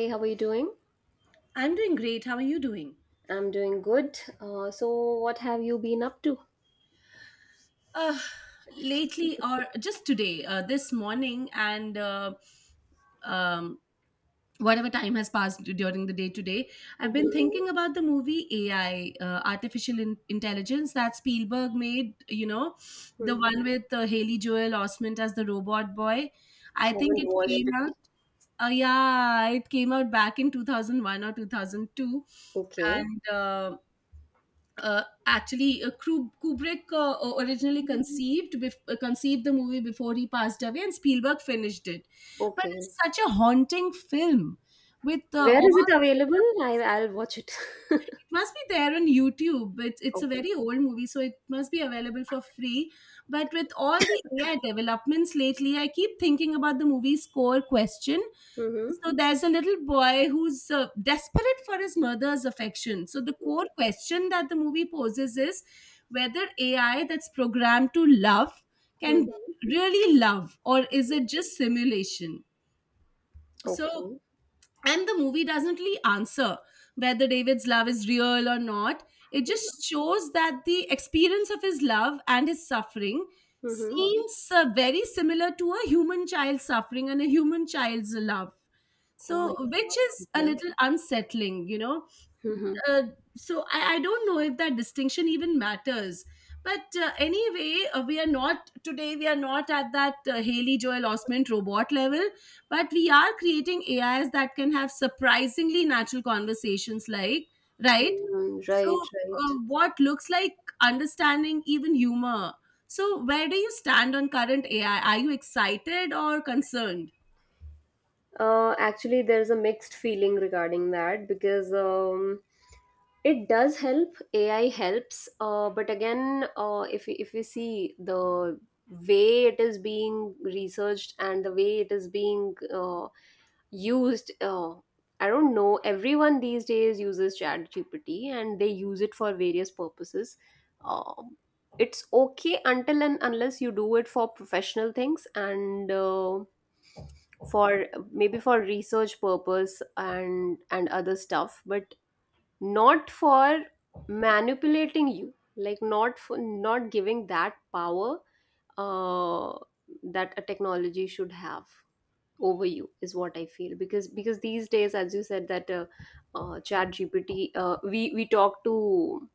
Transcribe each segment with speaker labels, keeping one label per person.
Speaker 1: Hey, how are you doing?
Speaker 2: I'm doing great. How are you doing?
Speaker 1: I'm doing good. So, what have you been up to?
Speaker 2: Uh, Lately, or just today, this morning, and um, whatever time has passed during the day today, I've been
Speaker 1: Mm-hmm.
Speaker 2: thinking about the movie AI, Artificial Intelligence, that Spielberg made, you know, the one with Haley Joel Osment as the robot boy. I think
Speaker 1: Haven't
Speaker 2: it
Speaker 1: watched
Speaker 2: came
Speaker 1: it.
Speaker 2: out, yeah, it came out back in 2001 or 2002.
Speaker 1: Okay.
Speaker 2: And actually Kubrick originally conceived conceived the movie before he passed away, and Spielberg finished it. But
Speaker 1: Okay.
Speaker 2: it's such a haunting film with
Speaker 1: Where is it available? I'll watch it.
Speaker 2: It must be there on YouTube. It's it's a
Speaker 1: Okay.
Speaker 2: very old movie, so it must be available for free. But with all the AI developments lately, I keep thinking about the movie's core question.
Speaker 1: Mm-hmm.
Speaker 2: So there's a little boy who's desperate for his mother's affection. So the core question that the movie poses is whether AI that's programmed to love can
Speaker 1: Mm-hmm.
Speaker 2: really love, or is it just simulation? So
Speaker 1: Okay.
Speaker 2: and the movie doesn't really answer whether David's love is real or not. It
Speaker 1: Mm-hmm.
Speaker 2: just shows that the experience of his love and his suffering
Speaker 1: Mm-hmm.
Speaker 2: seems very similar to a human child's suffering and a human child's love,
Speaker 1: Oh
Speaker 2: so
Speaker 1: my God.
Speaker 2: which is a
Speaker 1: Yeah.
Speaker 2: little unsettling.
Speaker 1: Mm-hmm. Mm.
Speaker 2: uh, so I don't know if that distinction even matters, but anyway, we are not today, we are not at that Haley Joel Osment robot level, but we are creating AIs that can have surprisingly natural conversations, like, right? So,
Speaker 1: Right, right.
Speaker 2: what looks like understanding, even humor. So, where do you stand on current AI? Are you excited or concerned?
Speaker 1: Actually, there's a mixed feeling regarding that because it does help. AI helps, but again, if we see the way it is being researched and the way it is being used. I don't know. Everyone these days uses ChatGPT, and they use it for various purposes. Um it's okay until and unless you do it for professional things and for maybe for research purpose and other stuff, but not for manipulating you, like, not for not giving that power uh, that a technology should have over you, is what I feel. Because these days, as you said, that ChatGPT, we talk to,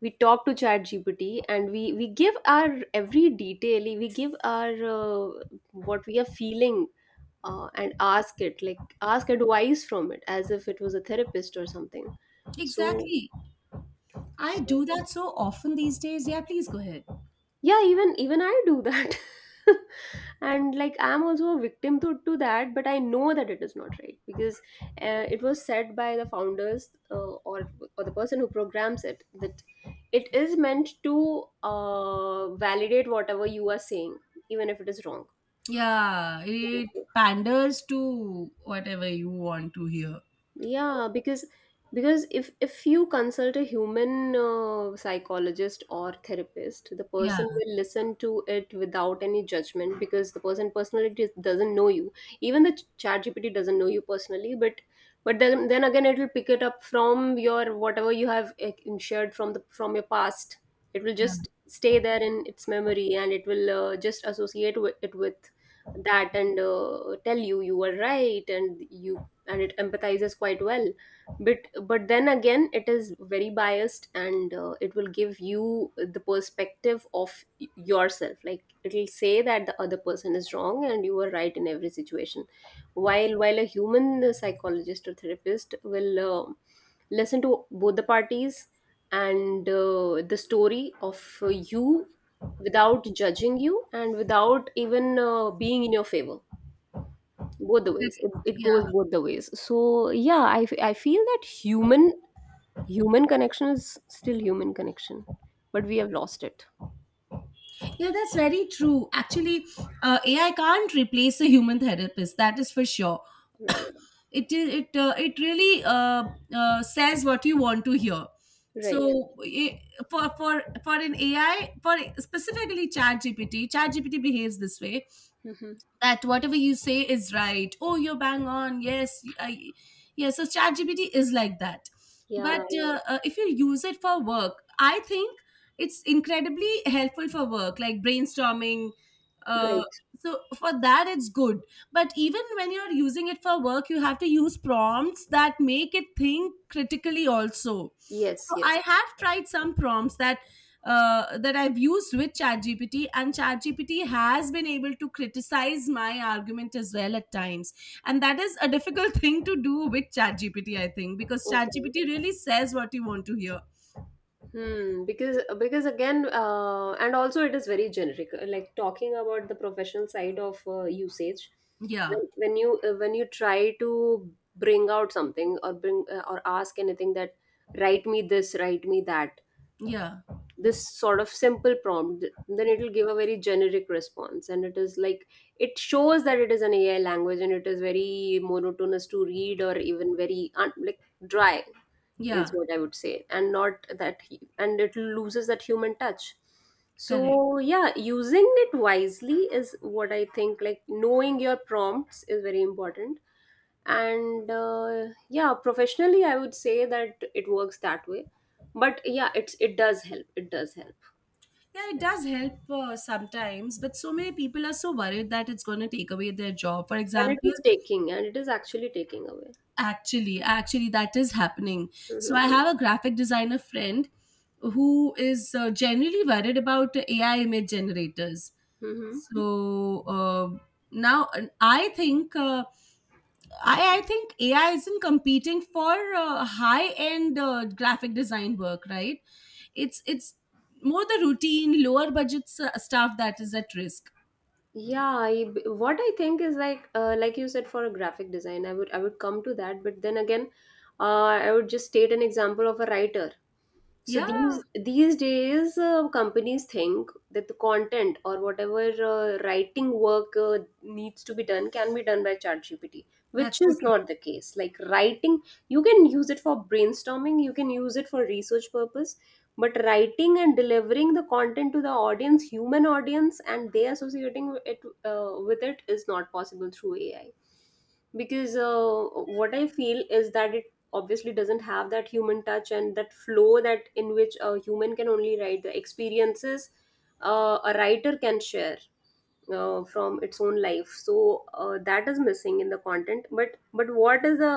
Speaker 1: we talk to chat gpt, and we give our every detail, we give our, uh, what we are feeling, and ask it, like, ask advice from it as if it was a therapist or something. so
Speaker 2: Exactly. I do
Speaker 1: so
Speaker 2: that so often these days. Yeah, please go ahead.
Speaker 1: yeah, even I do that. And, like, I'm also a victim to that, but I know that it is not right because it was said by the founders or the person who programs it, that it is meant to validate whatever you are saying, even if it is wrong.
Speaker 2: Yeah, it panders to whatever you want to hear.
Speaker 1: Yeah, because if you consult a human psychologist or therapist, the person
Speaker 2: Yeah,
Speaker 1: will listen to it without any judgment because the person personally doesn't know you. Even the ChatGPT doesn't know you personally, but then again it will pick it up from your, whatever you have, shared from the, from your past. It will just
Speaker 2: yeah,
Speaker 1: stay there in its memory, and it will just associate with it, with that, and tell you you were right. And you, and it empathizes quite well. But then again, it is very biased, and it will give you the perspective of yourself, like it will say that the other person is wrong and you are right in every situation, while a human psychologist or therapist will listen to both the parties and the story of you, without judging you and without even being in your favor. Both the ways. It
Speaker 2: yeah.
Speaker 1: goes both the ways. So yeah, I feel that human connection is still human connection, but we have lost it.
Speaker 2: Yeah, that's very true. Actually, AI can't replace a human therapist. That is for sure.
Speaker 1: Right.
Speaker 2: It is it it really says what you want to hear.
Speaker 1: Right.
Speaker 2: So i- for for for an AI, for specifically ChatGPT, ChatGPT behaves this way,
Speaker 1: Hmm.
Speaker 2: that whatever you say is right. Oh, you're bang on. Yeah. So ChatGPT is like that, but
Speaker 1: Yeah,
Speaker 2: if you use it for work, I think it's incredibly helpful for work, like brainstorming. Uh,
Speaker 1: right.
Speaker 2: so for that, it's good. But even when you're using it for work, you have to use prompts that make it think critically also.
Speaker 1: Yes,
Speaker 2: So
Speaker 1: yes.
Speaker 2: I have tried some prompts that that I've used with ChatGPT, and ChatGPT has been able to criticize my argument as well at times. And that is a difficult thing to do with ChatGPT, I think, because
Speaker 1: Okay.
Speaker 2: ChatGPT really says what you want to hear.
Speaker 1: Hmm, because again, and also it is very generic, like talking about the professional side of usage.
Speaker 2: Yeah,
Speaker 1: When you try to bring out something or bring, or ask anything, that write me this, write me that,
Speaker 2: yeah,
Speaker 1: this sort of simple prompt, then it will give a very generic response. And it is like it shows that it is an AI language, and it is very monotonous to read, or even very like dry, is
Speaker 2: yeah,
Speaker 1: what I would say. And not that and it loses that human touch.
Speaker 2: correct.
Speaker 1: So yeah, using it wisely is what I think, like, knowing your prompts is very important. And yeah, professionally I would say that it works that way. But yeah, it does help. It does help.
Speaker 2: Yeah, it does help sometimes, but so many people are so worried that it's going to take away their job. For
Speaker 1: And it
Speaker 2: example,
Speaker 1: is taking, and it is actually taking away.
Speaker 2: actually, actually, that is happening. So
Speaker 1: Hmm.
Speaker 2: I have a graphic designer friend who is generally worried about AI image generators.
Speaker 1: Hmm.
Speaker 2: So now I think AI isn't competing for high end graphic design work, right? It's more the routine, lower budget stuff that is at risk.
Speaker 1: Yeah, what I think is, like, like you said for a graphic design, I would come to that, but then again, I would just state an example of a writer. So
Speaker 2: Yeah,
Speaker 1: these days, companies think that the content or whatever writing work needs to be done can be done by ChatGPT,
Speaker 2: that's
Speaker 1: which
Speaker 2: so
Speaker 1: is
Speaker 2: true.
Speaker 1: not the case. Like, writing, you can use it for brainstorming, you can use it for research purpose, but writing and delivering the content to the audience, human audience, and they associating it with it, is not possible through AI, because what I feel is that, obviously, doesn't have that human touch and that flow that in which a human can only write the experiences, a writer can share from its own life. So that is missing in the content. But what is the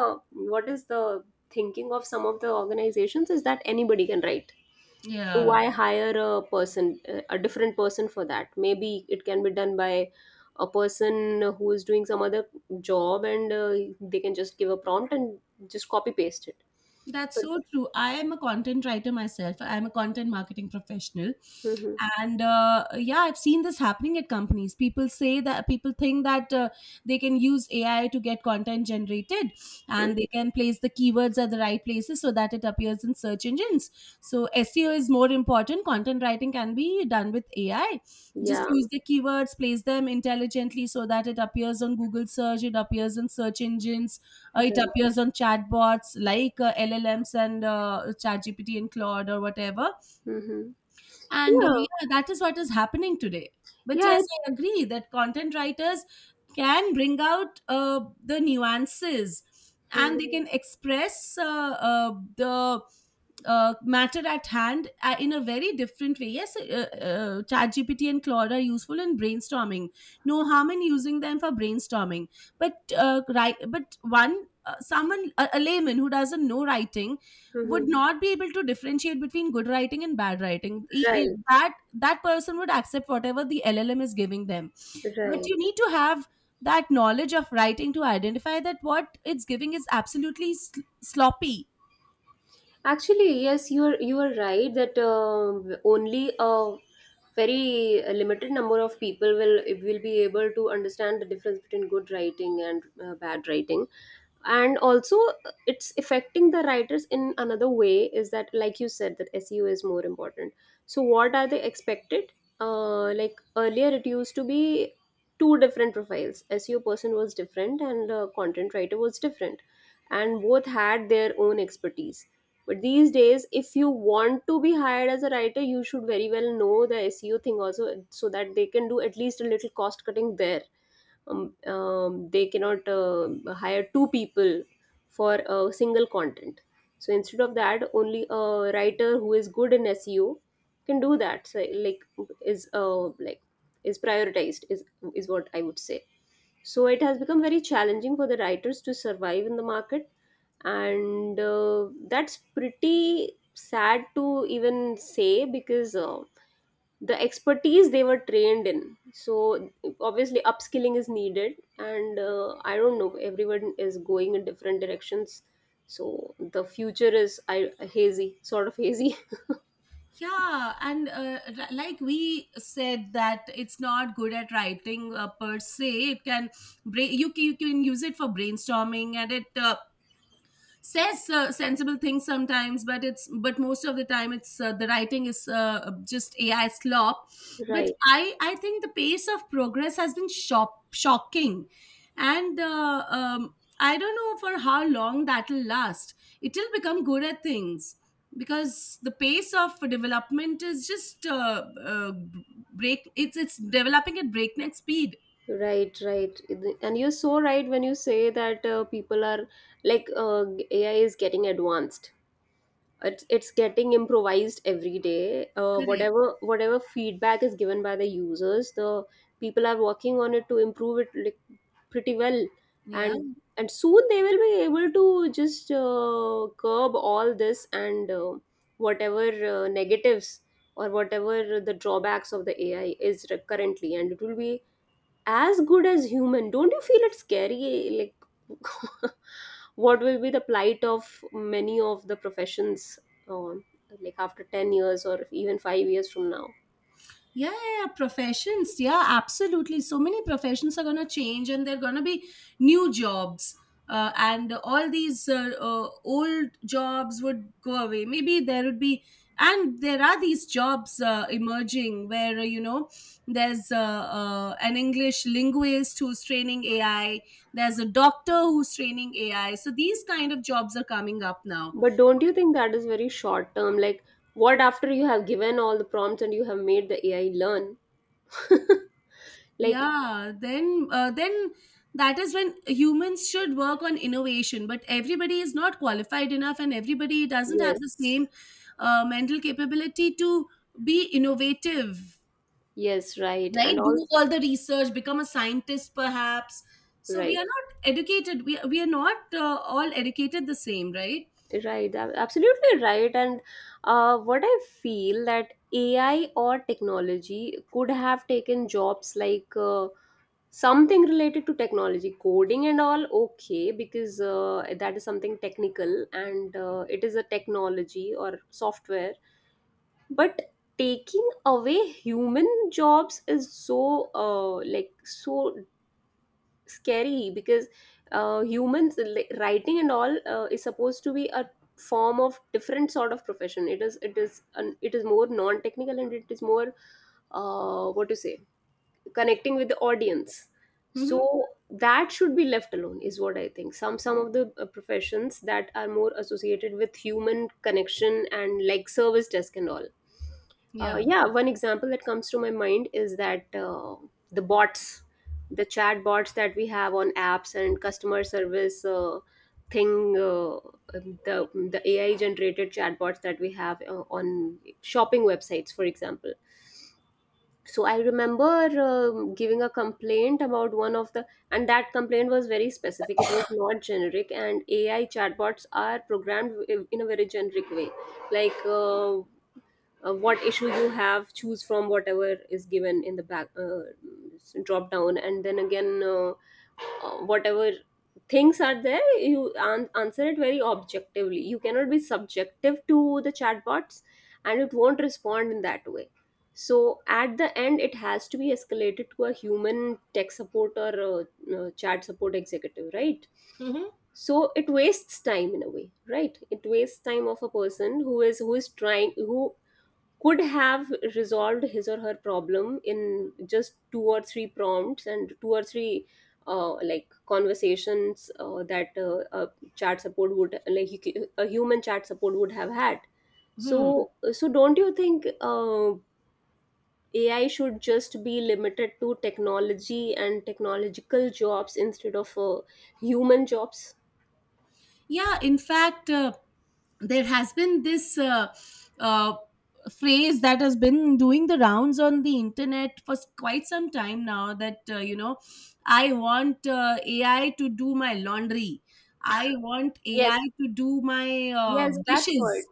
Speaker 1: what is the thinking of some of the organizations is that anybody can write, so
Speaker 2: Yeah.
Speaker 1: why hire a person, a different person for that? Maybe it can be done by a person who is doing some other job, and they can just give a prompt and just copy paste it.
Speaker 2: That's
Speaker 1: But.
Speaker 2: so true. I am a content writer myself. I'm a content marketing professional.
Speaker 1: Hmm.
Speaker 2: And yeah, I've seen this happening at companies. People say that people think that they can use AI to get content generated, and
Speaker 1: Hmm.
Speaker 2: they can place the keywords at the right places so that it appears in search engines. So SEO is more important. Content writing can be done with AI. Just
Speaker 1: Yeah,
Speaker 2: use the keywords, place them intelligently so that it appears on Google search, it appears in search engines, it
Speaker 1: right.
Speaker 2: appears on chatbots like LLMs and ChatGPT and Claude or whatever.
Speaker 1: Hmm.
Speaker 2: And
Speaker 1: Yeah,
Speaker 2: yeah, that is what is happening today. But
Speaker 1: yeah.
Speaker 2: yes, I agree that content writers can bring out the nuances,
Speaker 1: Hmm.
Speaker 2: and they can express the matter at hand in a very different way. Yes, ChatGPT and Claude are useful in brainstorming. No harm in using them for brainstorming. But right, but one someone, a layman who doesn't know writing would not be able to differentiate between good writing and bad writing.
Speaker 1: Right,
Speaker 2: That that person would accept whatever the LLM is giving them, but
Speaker 1: right.
Speaker 2: you need to have that knowledge of writing to identify that what it's giving is absolutely sloppy.
Speaker 1: Actually, yes, you are right that only a very limited number of people will be able to understand the difference between good writing and bad writing. And also it's affecting the writers in another way, is that, like you said, that SEO is more important. So what are they expected, like earlier it used to be two different profiles. SEO person was different, and content writer was different, and both had their own expertise. But these days, if you want to be hired as a writer, you should very well know the SEO thing also, so that they can do at least a little cost cutting there. They cannot hire two people for a single content, so instead of that, only a writer who is good in SEO can do that. So, like, is, is prioritized, is what I would say. So it has become very challenging for the writers to survive in the market, and that's pretty sad to even say. Because the expertise they were trained in, so obviously upskilling is needed, and I don't know, everyone is going in different directions, so the future is, hazy, sort of hazy.
Speaker 2: Yeah, and like we said, that it's not good at writing per se. It can you can use it for brainstorming, and it says sensible things sometimes, but it's, but most of the time it's the writing is just AI slop. But
Speaker 1: Right.
Speaker 2: I think the pace of progress has been shocking, and I don't know for how long that will last. It will become good at things, because the pace of development is just uh, break it's developing at breakneck speed.
Speaker 1: Right. Right. And you're so right when you say that, people are, like, AI is getting advanced. It's getting improvised every day.
Speaker 2: Correct,
Speaker 1: Whatever, feedback is given by the users, the people are working on it to improve it, like, pretty well.
Speaker 2: yeah.
Speaker 1: And and soon they will be able to just curb all this and whatever, negatives or whatever the drawbacks of the AI is currently, and it will be as good as human. Don't you feel it's scary, like, what will be the plight of many of the professions on, like, after 10 years or even 5 years from now?
Speaker 2: Yeah, yeah, yeah, professions. Yeah, absolutely. So many professions are going to change, and they're going to be new jobs. And all these old jobs would go away. Maybe there would be, and there are these jobs emerging where, you know, there's an English linguist who's training AI, there's a doctor who's training AI. So these kind of jobs are coming up now.
Speaker 1: But don't you think that is very short term, like, what after you have given all the prompts and you have made the AI learn? Like.
Speaker 2: Then that is when humans should work on innovation, but everybody is not qualified enough and everybody doesn't have the
Speaker 1: Yes,
Speaker 2: same mental capability to be innovative,
Speaker 1: yes. Right, and
Speaker 2: right?
Speaker 1: all.
Speaker 2: Do all the research, become a scientist perhaps. So we are
Speaker 1: Right.
Speaker 2: not educated. We are not all educated the same, right?
Speaker 1: Right, absolutely right. And what I feel, that AI or technology could have taken jobs like something related to technology, coding and all, okay, because that is something technical, and it is a technology or software. But taking away human jobs is so, like, so scary, because humans, writing and all, is supposed to be a form of different sort of profession. It is more non technical, and it is more, what to say, connecting with the audience,
Speaker 2: Mm-hmm.
Speaker 1: so that should be left alone is what I think. Some of the, professions that are more associated with human connection, and like service desk and all.
Speaker 2: Yeah.
Speaker 1: Yeah, one example that comes to my mind is that, the bots, the chat bots that we have on apps and customer service thing, the AI generated chatbots that we have on shopping websites, for example. So I remember giving a complaint about one of the, and that complaint was very specific. It was not generic, and AI chatbots are programmed in a very generic way like what issue you have, choose from whatever is given in the back drop down, and then again, whatever things are there you answer it very objectively. You cannot be subjective to the chatbots and it won't respond in that way, so at the end it has to be escalated to a human tech support or chat support executive, right?
Speaker 2: Mm-hmm.
Speaker 1: So it wastes time in a way, right? It wastes time of a person who is trying, who could have resolved his or her problem in just two or three prompts and two or three like conversations that a chat support would, like, a human chat support would have had.
Speaker 2: Hmm.
Speaker 1: So don't you think ai should just be limited to technology and technological jobs instead of human jobs?
Speaker 2: Yeah, in fact, there has been this uh, phrase that has been doing the rounds on the internet for quite some time now that, you know, I want AI to do my laundry. I want
Speaker 1: Yes,
Speaker 2: AI to do my
Speaker 1: yes, that's what.
Speaker 2: dishes.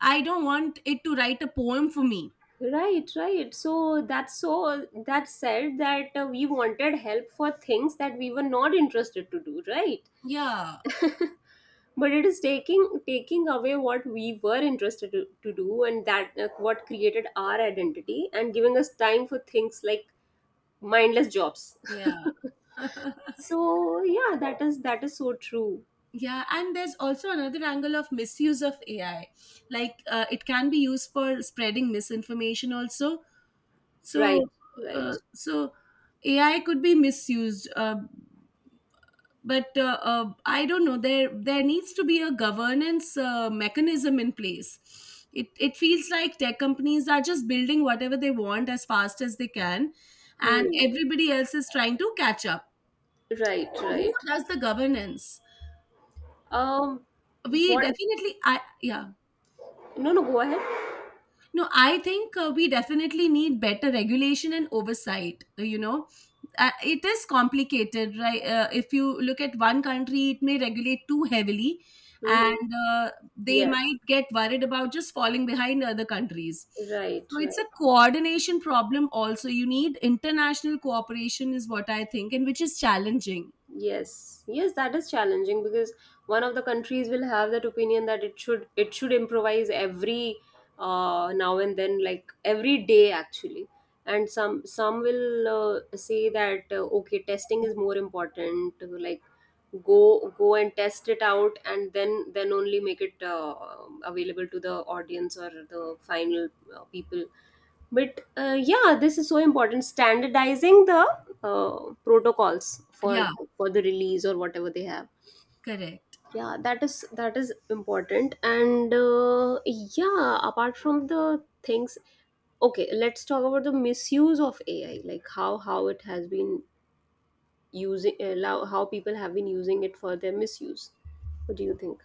Speaker 2: I don't want it to write a poem for me.
Speaker 1: Right, right. So that's, so that said that we wanted help for things that we were not interested to do, right?
Speaker 2: Yeah,
Speaker 1: But it is taking away what we were interested to do, and that what created our identity, and giving us time for things like mindless jobs.
Speaker 2: yeah.
Speaker 1: So yeah, that is so true.
Speaker 2: Yeah, and there's also another angle of misuse of AI. Like it can be used for spreading misinformation also. so
Speaker 1: Right,
Speaker 2: uh,
Speaker 1: right.
Speaker 2: so AI could be misused, but I don't know, there needs to be a governance mechanism in place. It feels like tech companies are just building whatever they want as fast as they can, and
Speaker 1: Hmm.
Speaker 2: everybody else is trying to catch up.
Speaker 1: Right,
Speaker 2: So who
Speaker 1: right.
Speaker 2: does the governance?
Speaker 1: Um,
Speaker 2: We
Speaker 1: what?
Speaker 2: definitely I yeah
Speaker 1: No, no. Go ahead.
Speaker 2: No, I think we definitely need better regulation and oversight. You know, it is complicated, right? If you look at one country, it may regulate too heavily,
Speaker 1: Hmm.
Speaker 2: and they
Speaker 1: Yes.
Speaker 2: might get worried about just falling behind other countries.
Speaker 1: Right,
Speaker 2: So it's a
Speaker 1: right.
Speaker 2: coordination problem. Also, you need international cooperation, is what I think, and which is challenging.
Speaker 1: Yes, yes, that is challenging, because one of the countries will have that opinion that it should improvise every now and then, like every day actually. And some will say that okay, testing is more important. Like go and test it out, and then only make it available to the audience or the final people. But yeah, this is so important, standardizing the protocols for
Speaker 2: Yeah,
Speaker 1: the release or whatever they have.
Speaker 2: correct.
Speaker 1: Yeah, that is important, and yeah, apart from the things, okay, let's talk about the misuse of ai, like how it has been using allow, how people have been using it for their misuse. What do you think?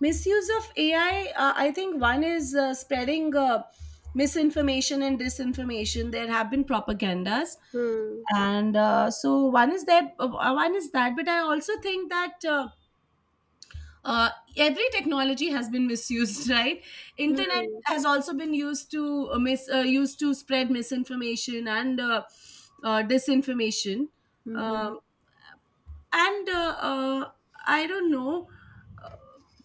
Speaker 2: Misuse of AI, I think one is spreading misinformation and disinformation. There have been propagandas,
Speaker 1: Hmm.
Speaker 2: and one is that. But I also think that uh, every technology has been misused right. Internet
Speaker 1: Hmm.
Speaker 2: has also been used to used to spread misinformation and disinformation.
Speaker 1: Hmm.
Speaker 2: Um, and uh, uh, i don't know.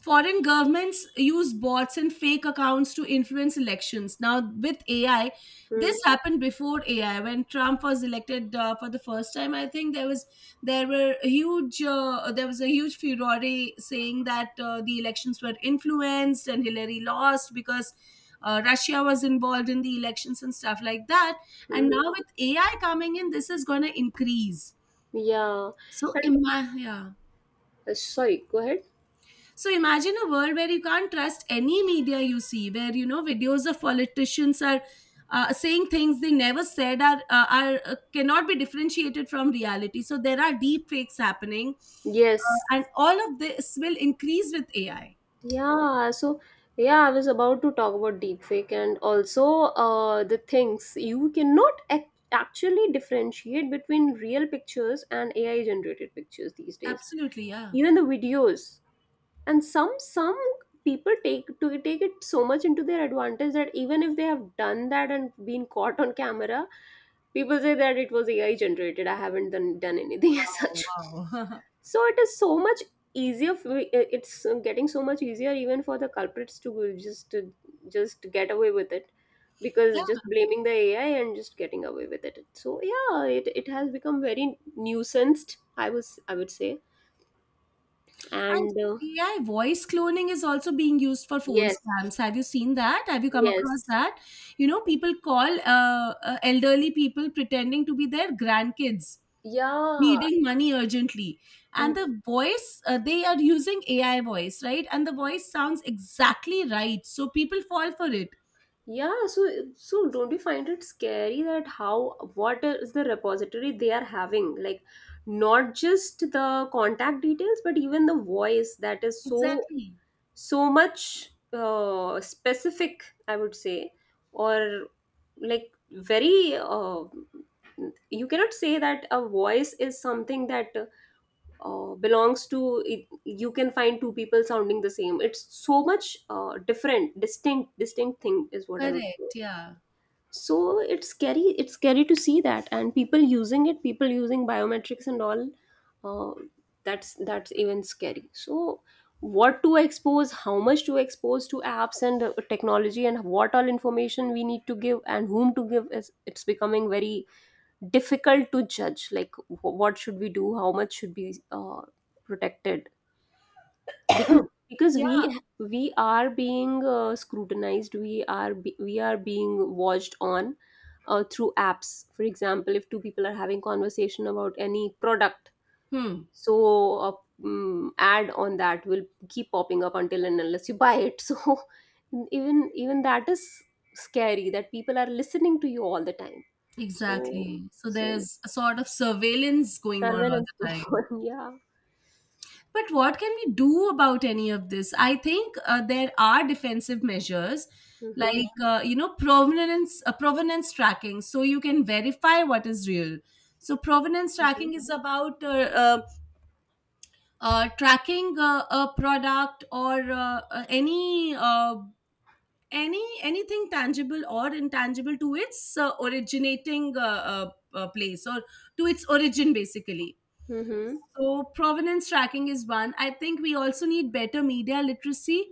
Speaker 2: Foreign governments use bots and fake accounts to influence elections. Now, with AI, this
Speaker 1: Hmm.
Speaker 2: happened before AI. When Trump was elected for the first time, I think there was, there were huge there was a huge furore, saying that the elections were influenced and Hillary lost because Russia was involved in the elections and stuff like that. And
Speaker 1: Hmm.
Speaker 2: now with AI coming in, this is going to increase.
Speaker 1: Yeah. And
Speaker 2: Yeah.
Speaker 1: sorry, go ahead.
Speaker 2: So imagine a world where you can't trust any media you see, where you know videos of politicians are saying things they never said are cannot be differentiated from reality. So there are deep fakes happening,
Speaker 1: Yes.
Speaker 2: and all of this will increase with AI.
Speaker 1: Yeah, so yeah, I was about to talk about deepfake, and also the things you cannot ac actually differentiate between real pictures and AI generated pictures these days.
Speaker 2: Absolutely, yeah.
Speaker 1: Even the videos, and some people take to take it so much into their advantage that even if they have done that and been caught on camera, people say that it was AI generated. I haven't done anything as
Speaker 2: Oh,
Speaker 1: such.
Speaker 2: wow.
Speaker 1: So it is so much easier. For, it's getting so much easier even for the culprits to just get away with it,
Speaker 2: Yeah,
Speaker 1: because just blaming the AI and just getting away with it. So yeah, it has become very nuisanced, I was, I would say.
Speaker 2: and
Speaker 1: And
Speaker 2: AI voice cloning is also being used for phone
Speaker 1: yes.
Speaker 2: scams. Have you seen that? Have you come across
Speaker 1: Yes.
Speaker 2: that? You know, people call elderly people pretending to be their grandkids
Speaker 1: Yeah.
Speaker 2: needing money urgently, and the voice, they are using AI voice, right? And the voice sounds exactly right, so people fall for it.
Speaker 1: Yeah, so don't you find it scary that how, what is the repository they are having? Like not just the contact details, but even the voice that is so
Speaker 2: Exactly.
Speaker 1: so much specific, I would say, or like very you cannot say that a voice is something that belongs to it, you can find two people sounding the same. It's so much different, distinct, distinct thing is what I would say.
Speaker 2: Correct. Yeah.
Speaker 1: So it's scary, it's scary to see that, and people using it, people using biometrics and all, uh, that's even scary. So what to expose, how much to expose to apps and technology, and what all information we need to give and whom to give, is, it's becoming very difficult to judge, like what should we do, how much should be protected, because
Speaker 2: Yeah.
Speaker 1: we are being scrutinized, we we are being watched on through apps. For example, if two people are having conversation about any product,
Speaker 2: Hmm.
Speaker 1: so a ad on that will keep popping up until and unless you buy it. So even that is scary, that people are listening to you all the time. So
Speaker 2: Exactly, so
Speaker 1: so
Speaker 2: there's a sort of surveillance going on all
Speaker 1: surveillance
Speaker 2: the time.
Speaker 1: going on, yeah.
Speaker 2: But what can we do about any of this? I think there are defensive measures
Speaker 1: Mm-hmm.
Speaker 2: like you know provenance provenance tracking so you can verify what is real. So provenance
Speaker 1: Mm-hmm.
Speaker 2: tracking is about uh, tracking a product or any anything tangible or intangible to its originating place or to its origin, basically.
Speaker 1: Mm-hmm.
Speaker 2: So provenance tracking is one. I think we also need better media literacy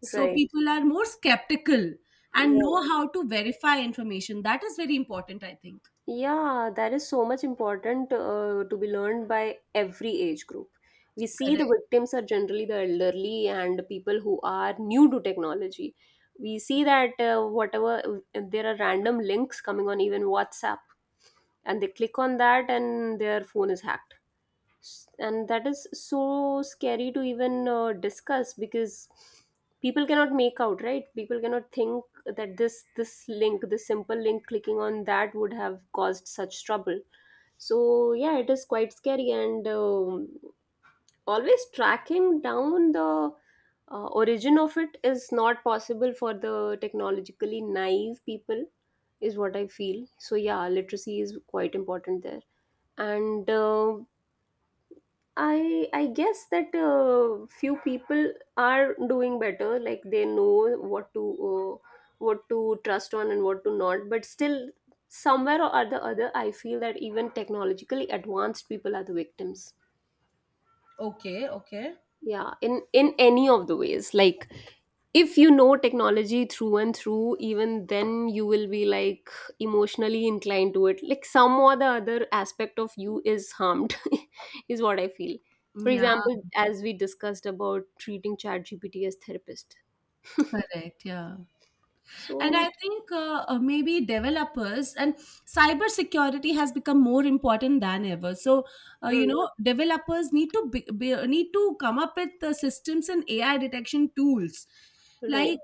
Speaker 2: so
Speaker 1: Right,
Speaker 2: people are more skeptical and
Speaker 1: right.
Speaker 2: know how to verify information. That is very important, I think.
Speaker 1: Yeah, that is so much important to be learned by every age group. We see the
Speaker 2: Correct.
Speaker 1: victims are generally the elderly and people who are new to technology. We see that whatever, there are random links coming on even WhatsApp, and they click on that and their phone is hacked. And that is so scary to even discuss, because people cannot make out, right, people cannot think that this link, this simple link, clicking on that would have caused such trouble. So yeah, it is quite scary, and always tracking down the origin of it is not possible for the technologically naive people, is what I feel. So yeah, literacy is quite important there. And I guess that few people are doing better. Like they know what to trust on and what to not. But still, somewhere or other, I feel that even technologically advanced people are the victims,
Speaker 2: Okay. Okay.
Speaker 1: yeah, in any of the ways. Like if you know technology through and through, even then you will be like emotionally inclined to it, like some or the other aspect of you is harmed, is what I feel. For
Speaker 2: Yeah,
Speaker 1: example, as we discussed about treating ChatGPT as therapist.
Speaker 2: correct. Yeah. And
Speaker 1: So.
Speaker 2: I think maybe developers and cybersecurity has become more important than ever. So, you
Speaker 1: Hmm,
Speaker 2: know, developers need to need to come up with the systems and AI detection tools.
Speaker 1: right,
Speaker 2: Like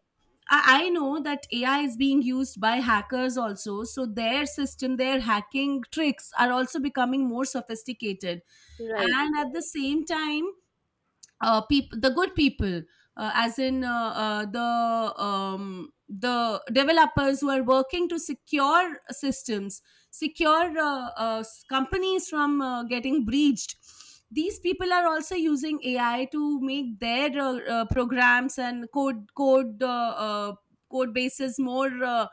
Speaker 2: I know that AI is being used by hackers also, so their system, their hacking tricks are also becoming more sophisticated.
Speaker 1: right.
Speaker 2: And at the same time, people the good people as in the developers who are working to secure systems, secure companies from getting breached. These people are also using ai to make their programs and code code bases more uh,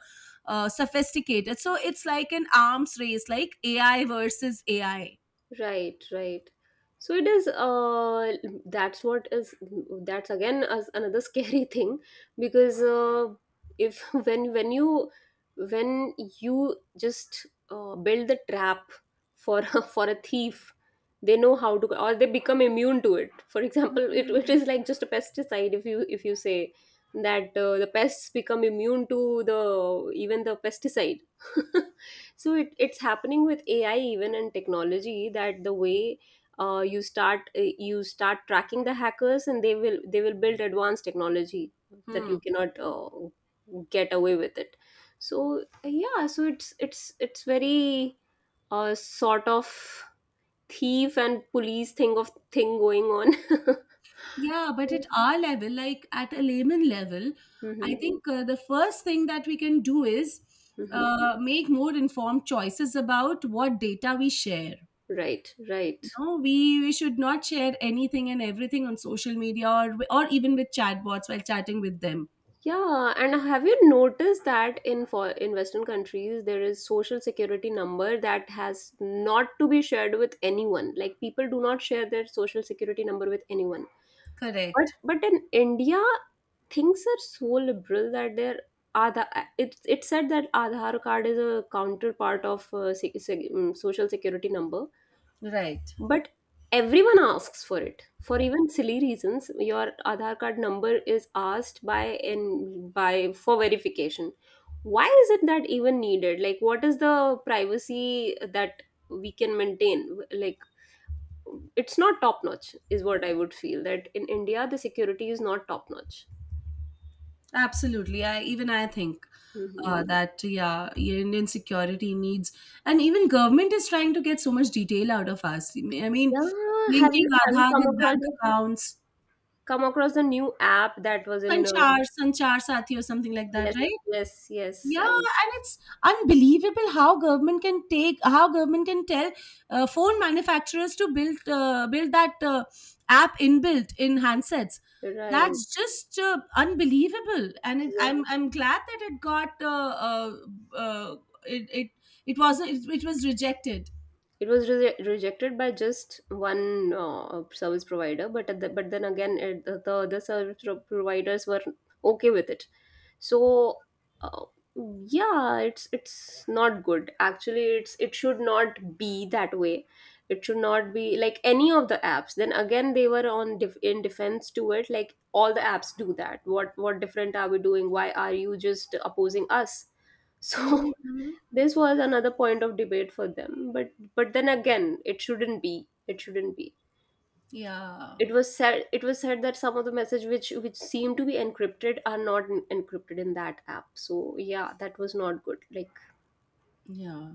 Speaker 2: uh, sophisticated. So it's like an arms race, like ai versus ai.
Speaker 1: Right, right. So it is. That's what is. That's again as another scary thing, because if when you when you just build the trap for for a thief, they know how to, or they become immune to it. For example, it is like just a pesticide. If you say that the pests become immune to the even the pesticide. So it's happening with ai even in technology, that the way you start tracking the hackers, and they will build advanced technology that
Speaker 2: Hmm.
Speaker 1: you cannot get away with it. So yeah, so it's very sort of thief and police thing of thing going on.
Speaker 2: Yeah, but at our level, like at a layman level, I
Speaker 1: Hmm.
Speaker 2: think the first thing that we can do is
Speaker 1: Hmm.
Speaker 2: make more informed choices about what data we share.
Speaker 1: Right, right.
Speaker 2: No, we should not share anything and everything on social media or even with chatbots while chatting with them.
Speaker 1: Yeah, and have you noticed that in, for in Western countries there is social security number that has not to be shared with anyone. Like people do not share their social security number with anyone.
Speaker 2: Correct.
Speaker 1: But in India, things are so liberal that their Aadha, it said that Aadhaar card is a counterpart of social security number,
Speaker 2: Right.
Speaker 1: but everyone asks for it for even silly reasons. Your Aadhaar card number is asked by and by for verification. Why is it that even needed? Like what is the privacy that we can maintain? Like it's not top notch, is what I would feel. That in India, the security is not top notch.
Speaker 2: Absolutely. I even I think
Speaker 1: Hmm.
Speaker 2: that yeah, Indian security needs, and even government is trying to get so much detail out of us. I mean,
Speaker 1: Yeah, have
Speaker 2: linking
Speaker 1: you
Speaker 2: Aadhaar
Speaker 1: come
Speaker 2: with
Speaker 1: across
Speaker 2: bank accounts,
Speaker 1: the new app that was in?
Speaker 2: Sanchar, Sanchar Sathi, or something like that,
Speaker 1: Yes,
Speaker 2: right?
Speaker 1: yes, yes.
Speaker 2: Yeah,
Speaker 1: I was.
Speaker 2: and it's unbelievable how government can take how government can tell phone manufacturers to build build that app inbuilt in handsets.
Speaker 1: Right.
Speaker 2: That's just unbelievable, and it,
Speaker 1: Yes,
Speaker 2: I'm glad that it got uh, it it it was rejected.
Speaker 1: it was rejected by just one service provider, but at the, but then again, the other service providers were okay with it. So, uh, yeah, it's not good. Actually, it's, it should not be that way. It should not be like any of the apps. Then again, they were on in defense to it. Like all the apps do that. What different are we doing? Why are you just opposing us? So
Speaker 2: Hmm.
Speaker 1: this was another point of debate for them, but then again, it shouldn't be,
Speaker 2: Yeah,
Speaker 1: it was said, that some of the message which seem to be encrypted are not encrypted in that app. So yeah, that was not good, like.
Speaker 2: yeah.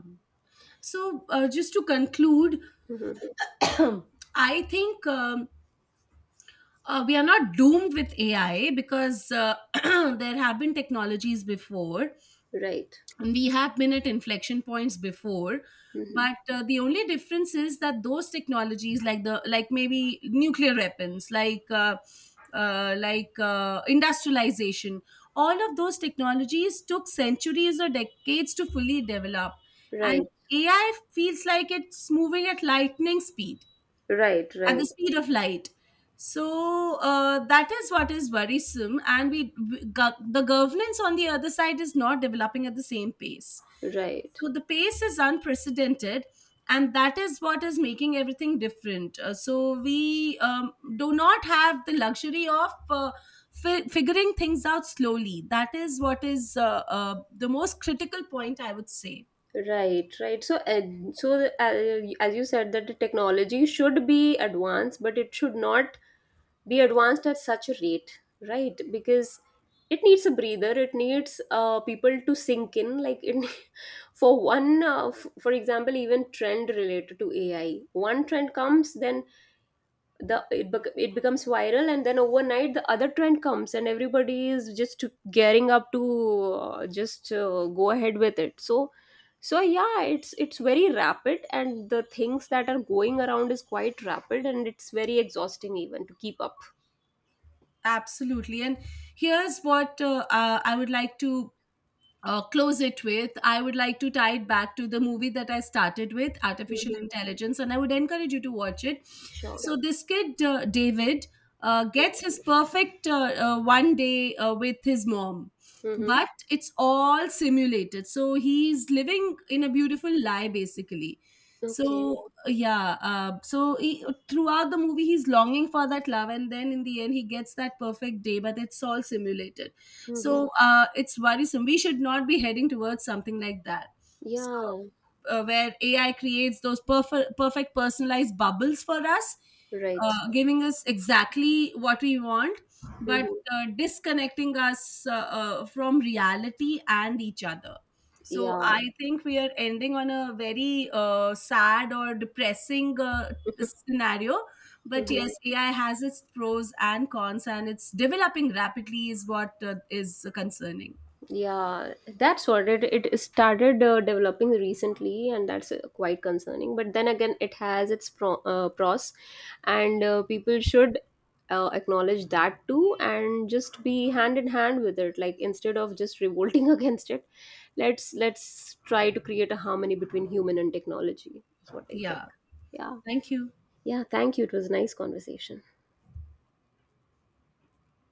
Speaker 2: So just to conclude,
Speaker 1: Mhm,
Speaker 2: I think. We are not doomed with AI because there have been technologies before
Speaker 1: right.
Speaker 2: and we have been at inflection points before.
Speaker 1: Mhm,
Speaker 2: But the only difference is that those technologies, like the like maybe nuclear weapons, like industrialization, all of those technologies took centuries or decades to fully develop, and
Speaker 1: right.
Speaker 2: AI feels like it's moving at lightning speed,
Speaker 1: Right.
Speaker 2: at the
Speaker 1: Right.
Speaker 2: speed of light. So that is what is worrisome, and the governance on the other side is not developing at the same pace.
Speaker 1: Right.
Speaker 2: So the pace is unprecedented, and that is what is making everything different. So we do not have the luxury of figuring things out slowly. That is what is the most critical point, I would say.
Speaker 1: Right. Right. So, and so the, as you said that the technology should be advanced, but it should not be advanced at such a rate, right? Because it needs a breather, it needs people to sink in, like it. For one for example, even trend related to ai, one trend comes, then it becomes viral, and then overnight the other trend comes, and everybody is just gearing up to just go ahead with it. So yeah, it's very rapid, and the things that are going around is quite rapid, and it's very exhausting even to keep up.
Speaker 2: Absolutely, and here's what I would like to close it with. I would like to tie it back to the movie that I started with, Artificial
Speaker 1: Mhm.
Speaker 2: Intelligence, and I would encourage you to watch it.
Speaker 1: Sure.
Speaker 2: So, this kid, David, gets his perfect one day with his mom,
Speaker 1: Mm-hmm.
Speaker 2: but it's all simulated. So, he's living in a beautiful lie, basically.
Speaker 1: Okay.
Speaker 2: So, yeah, so he, throughout the movie, he's longing for that love, and then in the end, he gets that perfect day, but it's all simulated.
Speaker 1: Mm-hmm.
Speaker 2: So it's worrisome, we should not be heading towards something like that. So
Speaker 1: Yeah.
Speaker 2: where AI creates those perfect personalized bubbles for us,
Speaker 1: Right.
Speaker 2: giving us exactly what we want, but
Speaker 1: Mm-hmm.
Speaker 2: disconnecting us from reality and each other. So
Speaker 1: Yeah.
Speaker 2: I think we are ending on a very sad or depressing scenario. But yes,
Speaker 1: Mm-hmm.
Speaker 2: AI has its pros and cons, and it's developing rapidly, is what is concerning.
Speaker 1: Yeah. That's what it started developing recently, and that's quite concerning. But then again, it has its pros, and people should acknowledge that too, and just be hand in hand with it. Like instead of just revolting against it, let's try to create a harmony between human and technology. Is what I
Speaker 2: Yeah.
Speaker 1: think. Yeah.
Speaker 2: Thank you.
Speaker 1: Yeah, thank you. It was a nice conversation.